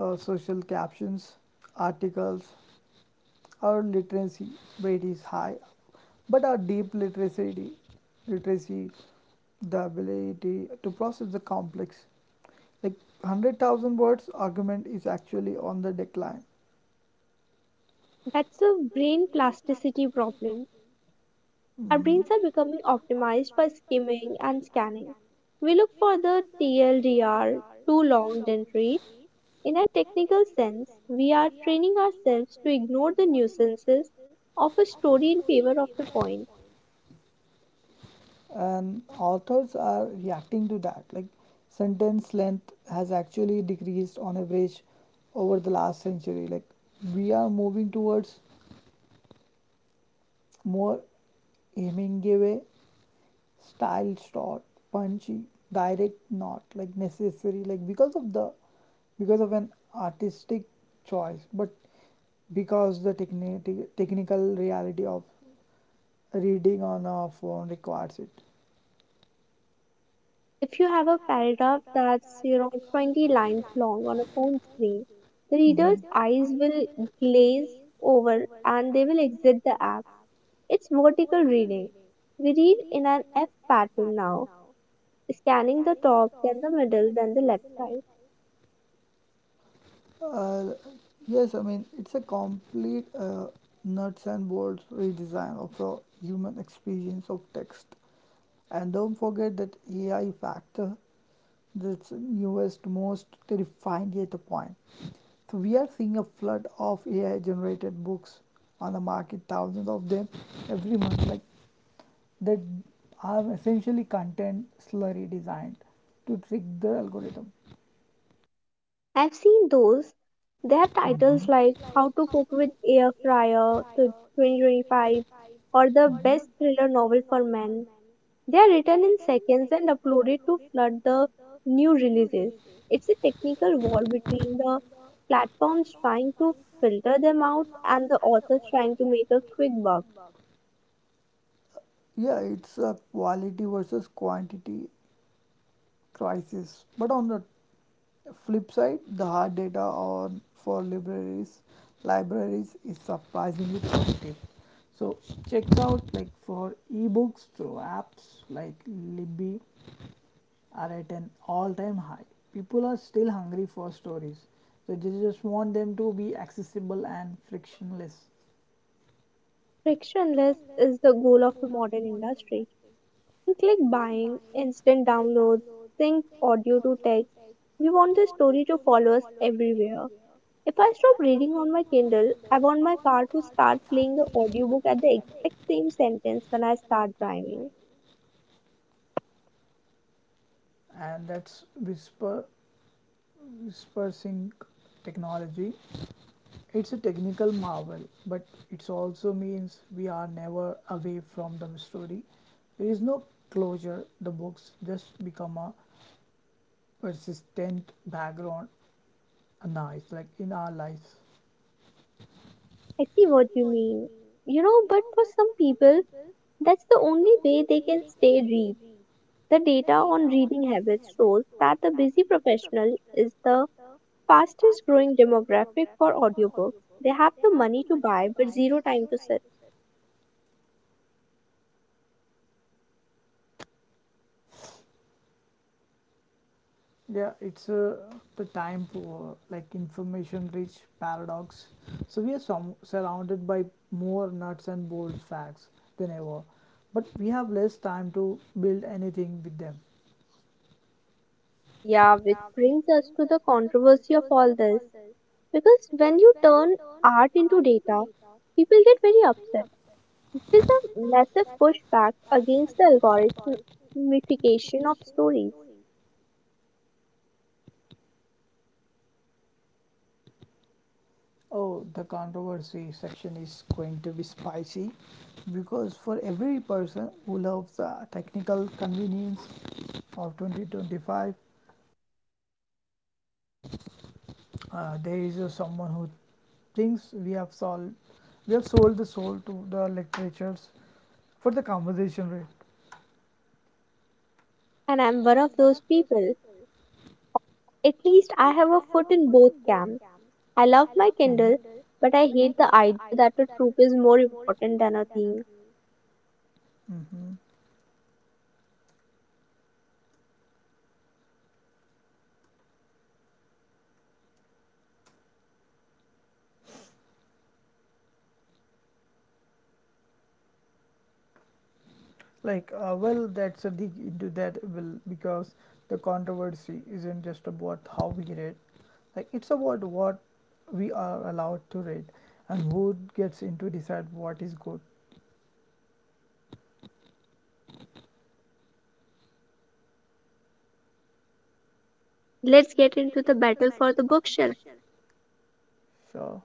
[SPEAKER 1] uh, social captions, articles. Our literacy rate is high, but our deep literacy, literacy, the ability to process the complex, like one hundred thousand words argument is actually on the decline.
[SPEAKER 2] That's a brain plasticity problem. Our brains
[SPEAKER 1] Mm-hmm.
[SPEAKER 2] are becoming optimized by skimming and scanning. We look for the T L D R, too long didn't read. In a technical sense, we are training ourselves to ignore the nuisances of a story in favor of the point.
[SPEAKER 1] And authors are reacting to that. Like, sentence length has actually decreased on average over the last century. Like, we are moving towards more Hemingway style shot, punchy, direct, not like necessary, like because of the because of an artistic choice, but because the techni- technical reality of reading on a phone requires it.
[SPEAKER 2] If you have a paragraph that's you know twenty lines long on a phone screen, the reader's
[SPEAKER 1] Mhm.
[SPEAKER 2] eyes will glaze over and they will exit the app. It's vertical reading. We read in an F pattern now, scanning the top, then the middle, then the left side.
[SPEAKER 1] Uh, yes, I mean, it's a complete uh, nuts and bolts redesign of the human experience of text. And don't forget that A I factor, that's newest, most terrifying data point. So we are seeing a flood of A I generated books on the market, thousands of them every month, like that are essentially content slurry designed to trick the algorithm.
[SPEAKER 2] I've seen those. They have titles like How to Cook with Air Fryer to twenty twenty-five or The Best Thriller Novel for Men. They are written in seconds and uploaded to flood the new releases. It's a technical war between the platforms trying to filter them out and the authors trying to make a quick buck.
[SPEAKER 1] Yeah, it's a quality versus quantity crisis. But on the flip side, the hard data on for libraries libraries is surprisingly positive. So check out like for ebooks through apps like Libby are at an all-time high. People are still hungry for stories. So they just want them to be accessible and frictionless.
[SPEAKER 2] Frictionless is the goal of the modern industry. We click buying, instant downloads, synced audio to text. We want the story to follow us everywhere. If I stop reading on my Kindle, I want my car to start playing the audiobook at the exact same sentence when I start driving.
[SPEAKER 1] And that's whisper whisper sync technology. It's a technical marvel, but it also means we are never away from the story. There is no closure. The books just become a persistent background noise, like in our lives.
[SPEAKER 2] I see what you mean. You know, but for some people, that's the only way they can stay read. The data on reading habits shows that the busy professional is the fastest growing demographic for audiobooks. They have the money to buy but zero time to sit.
[SPEAKER 1] Yeah, it's a the time poor, like information rich paradox. So we are some, surrounded by more nuts and bolts facts than ever, but we have less time to build anything with them.
[SPEAKER 2] Yeah, which brings us to the controversy of all this. Because when you turn art into data, people get very upset. There is a massive pushback against the algorithmification of stories.
[SPEAKER 1] Oh, the controversy section is going to be spicy because for every person who loves the technical convenience of twenty twenty-five, uh, there is uh, someone who thinks we have solved, we have sold the soul to the literatures for the conversation rate.
[SPEAKER 2] And I'm one of those people. At least I have a foot in both camps. I love my Kindle, but I hate the idea that a troop is more important than a thing.
[SPEAKER 1] Mm. Like, uh, well, that's a dig into that will because the controversy isn't just about how we read, like it's about what we are allowed to read and who gets into decide what is good.
[SPEAKER 2] Let's get into the battle for the bookshelf.
[SPEAKER 1] Sure.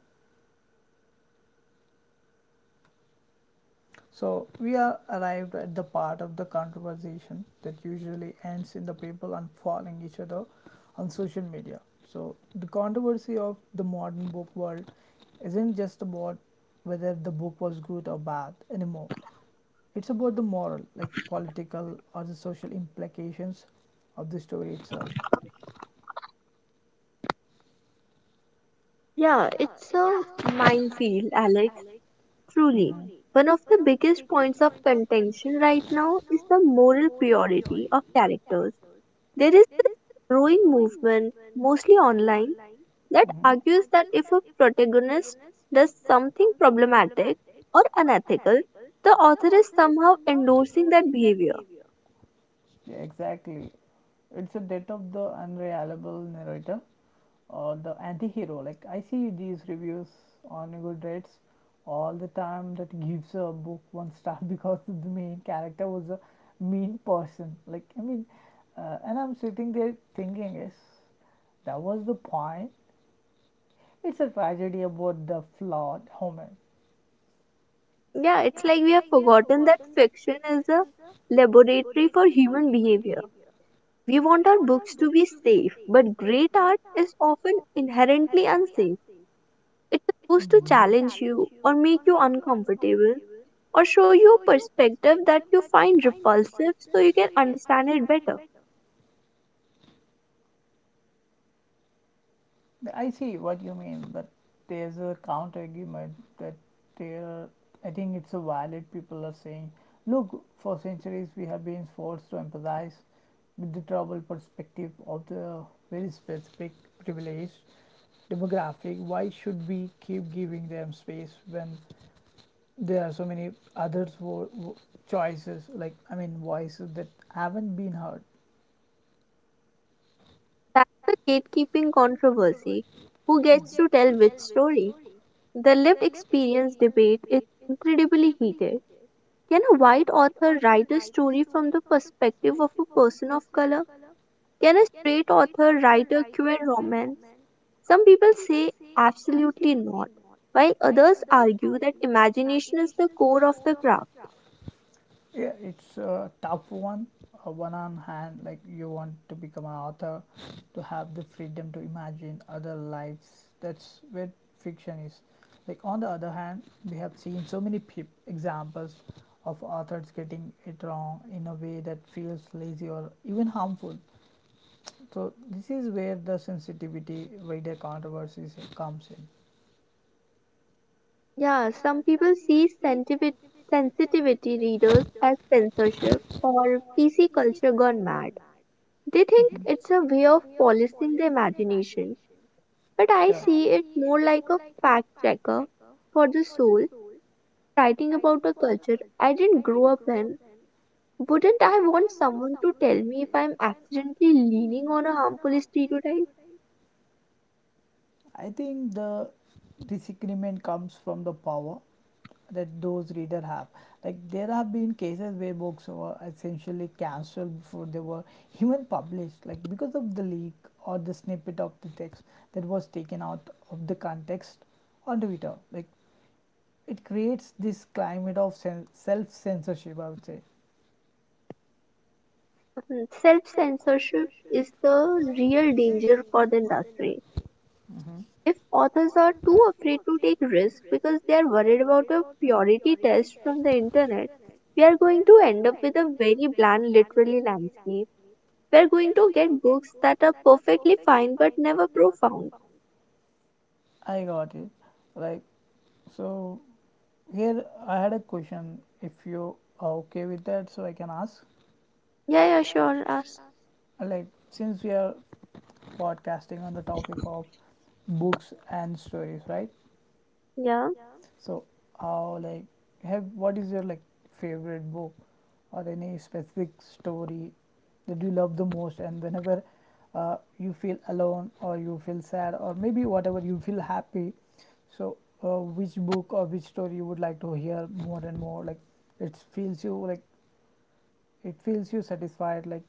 [SPEAKER 1] So we are arrived at the part of the conversation that usually ends in the people unfollowing each other on social media. So the controversy of the modern book world isn't just about whether the book was good or bad anymore. It's about the moral, like political or the social implications of the story itself.
[SPEAKER 2] Yeah, it's a minefield, Alex, truly.
[SPEAKER 1] Mhm.
[SPEAKER 2] One of the biggest points of contention right now is the moral purity of characters. There is this growing movement, mostly online, that
[SPEAKER 1] Mhm.
[SPEAKER 2] argues that if a protagonist does something problematic or unethical, the author is somehow endorsing that behavior.
[SPEAKER 1] Yeah, exactly. It's a death of the unreliable narrator or the anti-hero. Like I see these reviews on Goodreads all the time that gives a book one star because the main character was a mean person. Like I mean, uh, and I'm sitting there thinking, yes, that was the point. It's a tragedy about the flawed human.
[SPEAKER 2] Yeah, it's like we have forgotten that fiction is a laboratory for human behavior. We want our books to be safe, but great art is often inherently unsafe. It's supposed to challenge you, or make you uncomfortable, or show you a perspective that you find repulsive so you can understand it better.
[SPEAKER 1] I see what you mean, but there's a counter argument that there. I think it's a valid. People are saying, look, for centuries we have been forced to empathize with the troubled perspective of the very specific privileged demographic. Why should we keep giving them space when there are so many other wo- wo- choices? Like I mean, voices that haven't been heard.
[SPEAKER 2] That's the gatekeeping controversy. Who gets to tell which story? The lived experience debate is incredibly heated. Can a white author write a story from the perspective of a person of color? Can a straight author write a queer romance? Some people say absolutely not, while others argue that imagination is the core of the craft.
[SPEAKER 1] Yeah, it's a tough one. Uh, one on hand, like you want to become an author, to have the freedom to imagine other lives. That's where fiction is. Like on the other hand, we have seen so many peop examples of authors getting it wrong in a way that feels lazy or even harmful. So this is where the sensitivity reader controversies comes in.
[SPEAKER 2] Yeah, some people see sentivi- sensitivity readers as censorship or P C culture gone mad. They think
[SPEAKER 1] Mhm.
[SPEAKER 2] it's a way of policing the imagination, but I
[SPEAKER 1] Yeah.
[SPEAKER 2] see it more like a fact checker for the soul, writing about a culture I didn't grow up in. Wouldn't I want someone to tell me if I'm accidentally leaning on a harmful stereotype?
[SPEAKER 1] I think the disagreement comes from the power. That those reader have, like there have been cases where books were essentially cancelled before they were even published, like because of the leak or the snippet of the text that was taken out of the context on Twitter. Like it creates this climate of sen- self-censorship, I would say.
[SPEAKER 2] Self-censorship is the real danger for the industry.
[SPEAKER 1] Mm-hmm.
[SPEAKER 2] If authors are too afraid to take risks because they are worried about a purity test from the internet, we are going to end up with a very bland literary landscape. We are going to get books that are perfectly fine but never profound.
[SPEAKER 1] I got it. Like, so here I had a question, if you are okay with that, so I can ask.
[SPEAKER 2] Yeah, yeah, sure. Ask.
[SPEAKER 1] Like, since we are podcasting on the topic of books and stories, right?
[SPEAKER 2] Yeah.
[SPEAKER 1] So, how like have what is your like favorite book or any specific story that you love the most? And whenever uh, you feel alone or you feel sad or maybe whatever you feel happy, so uh, which book or which story you would like to hear more and more? Like, it feels you like it feels you satisfied, like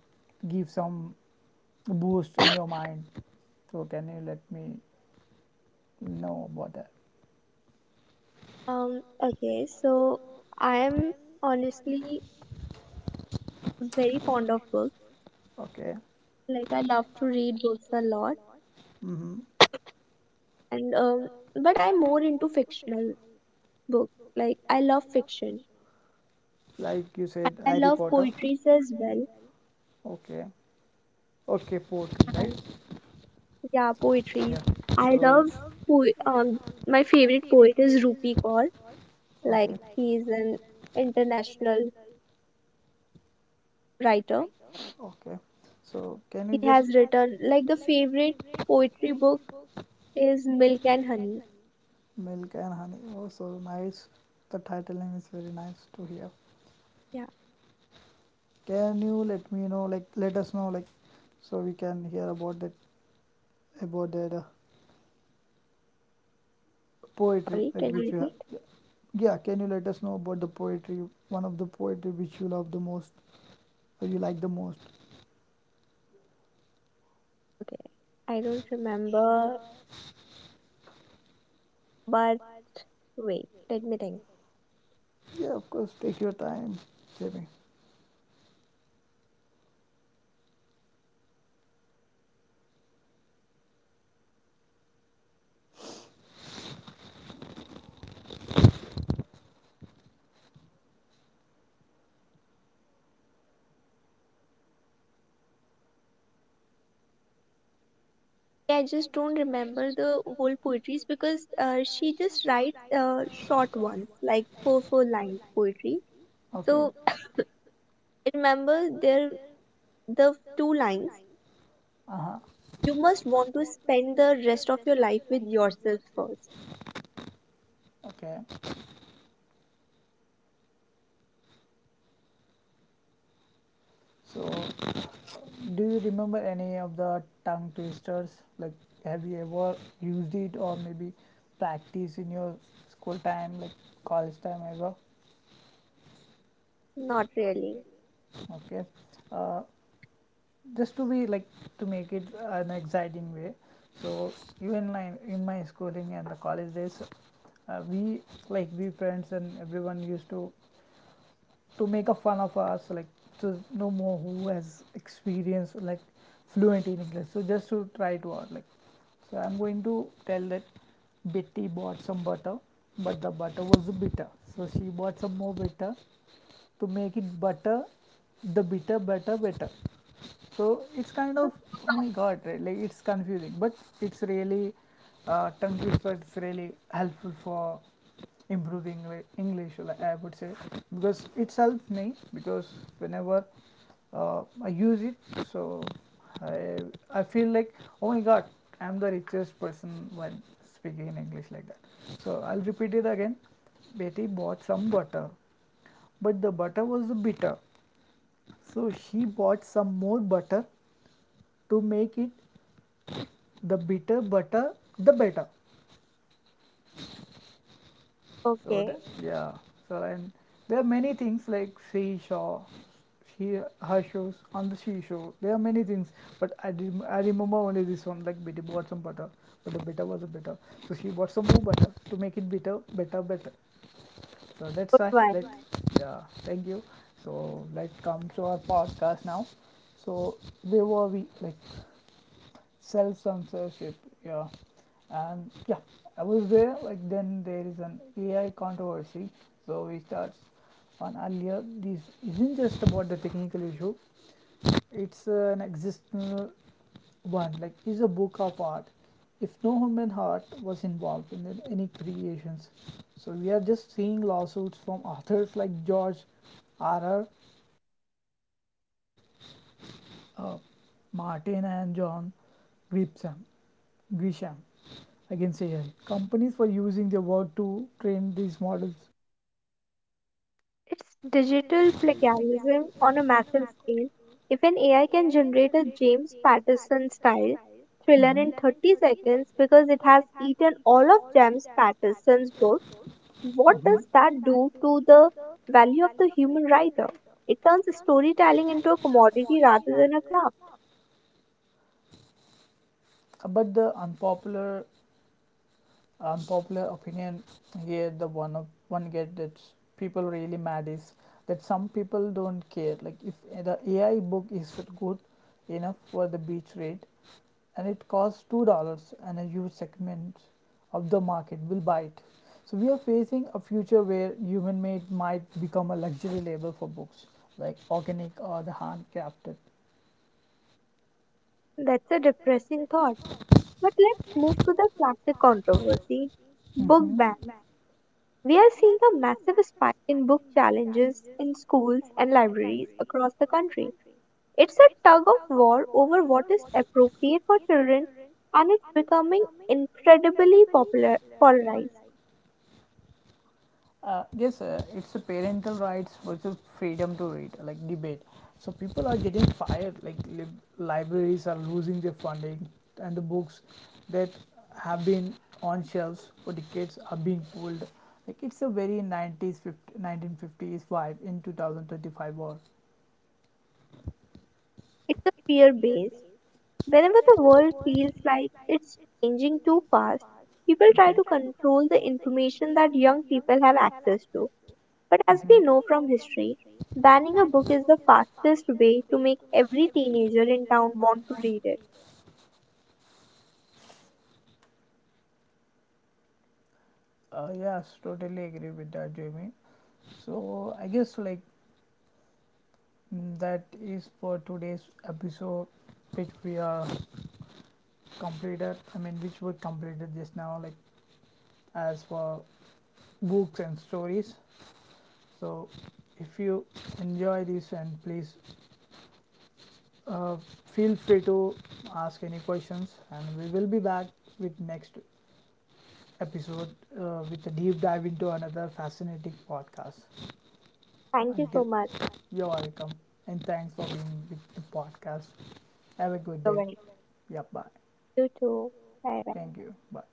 [SPEAKER 1] give some boost in your mind. So can you let me no about that?
[SPEAKER 2] Um, okay, so I am honestly very fond of books.
[SPEAKER 1] Okay.
[SPEAKER 2] Like, I love to read books a lot.
[SPEAKER 1] Mm-hmm.
[SPEAKER 2] and um, but I'm more into fictional book. Like I love fiction.
[SPEAKER 1] Like you said,
[SPEAKER 2] I
[SPEAKER 1] Harry
[SPEAKER 2] love
[SPEAKER 1] Potter.
[SPEAKER 2] poetries as well.
[SPEAKER 1] Okay. Okay, poetry,
[SPEAKER 2] And
[SPEAKER 1] right?
[SPEAKER 2] yeah, poetries.
[SPEAKER 1] Yeah.
[SPEAKER 2] I
[SPEAKER 1] So,
[SPEAKER 2] love po- um my favorite poet is Rupi Kaur. Like
[SPEAKER 1] okay.
[SPEAKER 2] he is an international writer.
[SPEAKER 1] Okay. So, can you
[SPEAKER 2] He
[SPEAKER 1] just
[SPEAKER 2] has written like the favorite poetry book is Milk and Honey.
[SPEAKER 1] milk and honey? Oh, so nice. The title name is very nice to hear.
[SPEAKER 2] Yeah,
[SPEAKER 1] Can you let me know, like, let us know, like, so we can hear about that, about that uh, poetry,
[SPEAKER 2] sorry, can
[SPEAKER 1] like,
[SPEAKER 2] you
[SPEAKER 1] which you
[SPEAKER 2] repeat?
[SPEAKER 1] have. Yeah, can you let us know about the poetry? One of the poetry which you love the most or you like the most?
[SPEAKER 2] Okay, I don't remember, but wait, let me think.
[SPEAKER 1] Yeah, of course. Take your time, Jimmy.
[SPEAKER 2] I just don't remember the whole poetries because uh, she just writes uh, short ones, like four four line poetry.
[SPEAKER 1] Okay.
[SPEAKER 2] So I remember there the two lines.
[SPEAKER 1] Uh huh.
[SPEAKER 2] You must want to spend the rest of your life with yourself first.
[SPEAKER 1] Okay. So, do you remember any of the tongue twisters? Like, have you ever used it or maybe practice in your school time, like college time ever?
[SPEAKER 2] Not really.
[SPEAKER 1] Okay. Uh, just to be like to make it an exciting way, so even like in my schooling and the college days, uh, we, like we friends and everyone used to to make a fun of us, like to no more who has experience, like fluent in English. So just to try it out, like, so I'm going to tell that: Betty bought some butter, but the butter was bitter, so she bought some more butter to make it butter, the bitter butter better. So it's kind of, oh my god, right? Like it's confusing, but it's really uh, tongue twister. It's really helpful for improving Engli- english, like I would say, because it helps me, because whenever uh, I use it, so I, I feel like, oh my god, I'm the richest person when speaking in English, like that. So I'll repeat it again: Betty bought some butter, but the butter was bitter, so she bought some more butter to make it the bitter butter, the better. So that.
[SPEAKER 2] Okay,
[SPEAKER 1] Yeah. So, and there are many things like seashore, she, her shows on the seashore. There are many things, but i rem- I remember only this one, like bitter bought some butter, but the bitter was a bitter, so she bought some more butter to make it bitter better better. So that's
[SPEAKER 2] good
[SPEAKER 1] why let.
[SPEAKER 2] one.
[SPEAKER 1] Yeah, thank you. So let's come to our podcast now. So where were we? Like self censorship. Yeah, and yeah, I was there. Like then there is an A I controversy. So we start on earlier. This isn't just about the technical issue. It's uh, an existential one. Like is a book of art. If no human heart was involved in the- any creations, so we are just seeing lawsuits from authors like George R. R. uh, Martin and John Grisham. Grisham, I can say here. Companies were using their work to train these models.
[SPEAKER 2] It's digital plagiarism on a massive scale. If an A I can generate a James Patterson style thriller
[SPEAKER 1] Mhm,
[SPEAKER 2] in thirty seconds because it has eaten all of James Patterson's books, what
[SPEAKER 1] mhm.
[SPEAKER 2] does that do to the value of the human writer? It turns storytelling into a commodity rather than a craft.
[SPEAKER 1] Uh, But the unpopular unpopular opinion here, the one of one get that people really mad is that some people don't care. Like if the A I book is good enough for the beach rate, and it costs two dollars and a huge segment of the market will buy it. So we are facing a future where human made might become a luxury label for books like organic or the handcrafted.
[SPEAKER 2] That's a depressing thought. But let's move to the classic controversy book
[SPEAKER 1] Mhm.
[SPEAKER 2] bans. We are seeing a massive spike in book challenges in schools and libraries across the country. It's a tug of war over what is appropriate for children and it's becoming incredibly popular polarized.
[SPEAKER 1] Uh, yes, uh, it's the parental rights versus freedom to read, like debate. So people are getting fired, like lib- libraries are losing their funding, and the books that have been on shelves for decades are being pulled. Like it's a very nineties, fifty, nineteen fifties vibe in twenty twenty-five war.
[SPEAKER 2] It's a fear based. Whenever the world feels like it's changing too fast, people try to control the information that young people have access to. But as we
[SPEAKER 1] Mhm.
[SPEAKER 2] know from history, banning a book is the fastest way to make every teenager in town want to read it.
[SPEAKER 1] Uh, yes, totally agree with that, Jamie. So I guess like Mm, that is for today's episode, which we are completed. I mean, which we completed just now, like as for books and stories. So, if you enjoy this, and please uh, feel free to ask any questions, and we will be back with next episode uh, with a deep dive into another fascinating podcast.
[SPEAKER 2] Thank you
[SPEAKER 1] Until
[SPEAKER 2] so much,
[SPEAKER 1] You're welcome, and thanks for being with the podcast. Have a good day.
[SPEAKER 2] Giovanni.
[SPEAKER 1] Yeah, bye.
[SPEAKER 2] You too. Bye bye.
[SPEAKER 1] Thank you. Bye.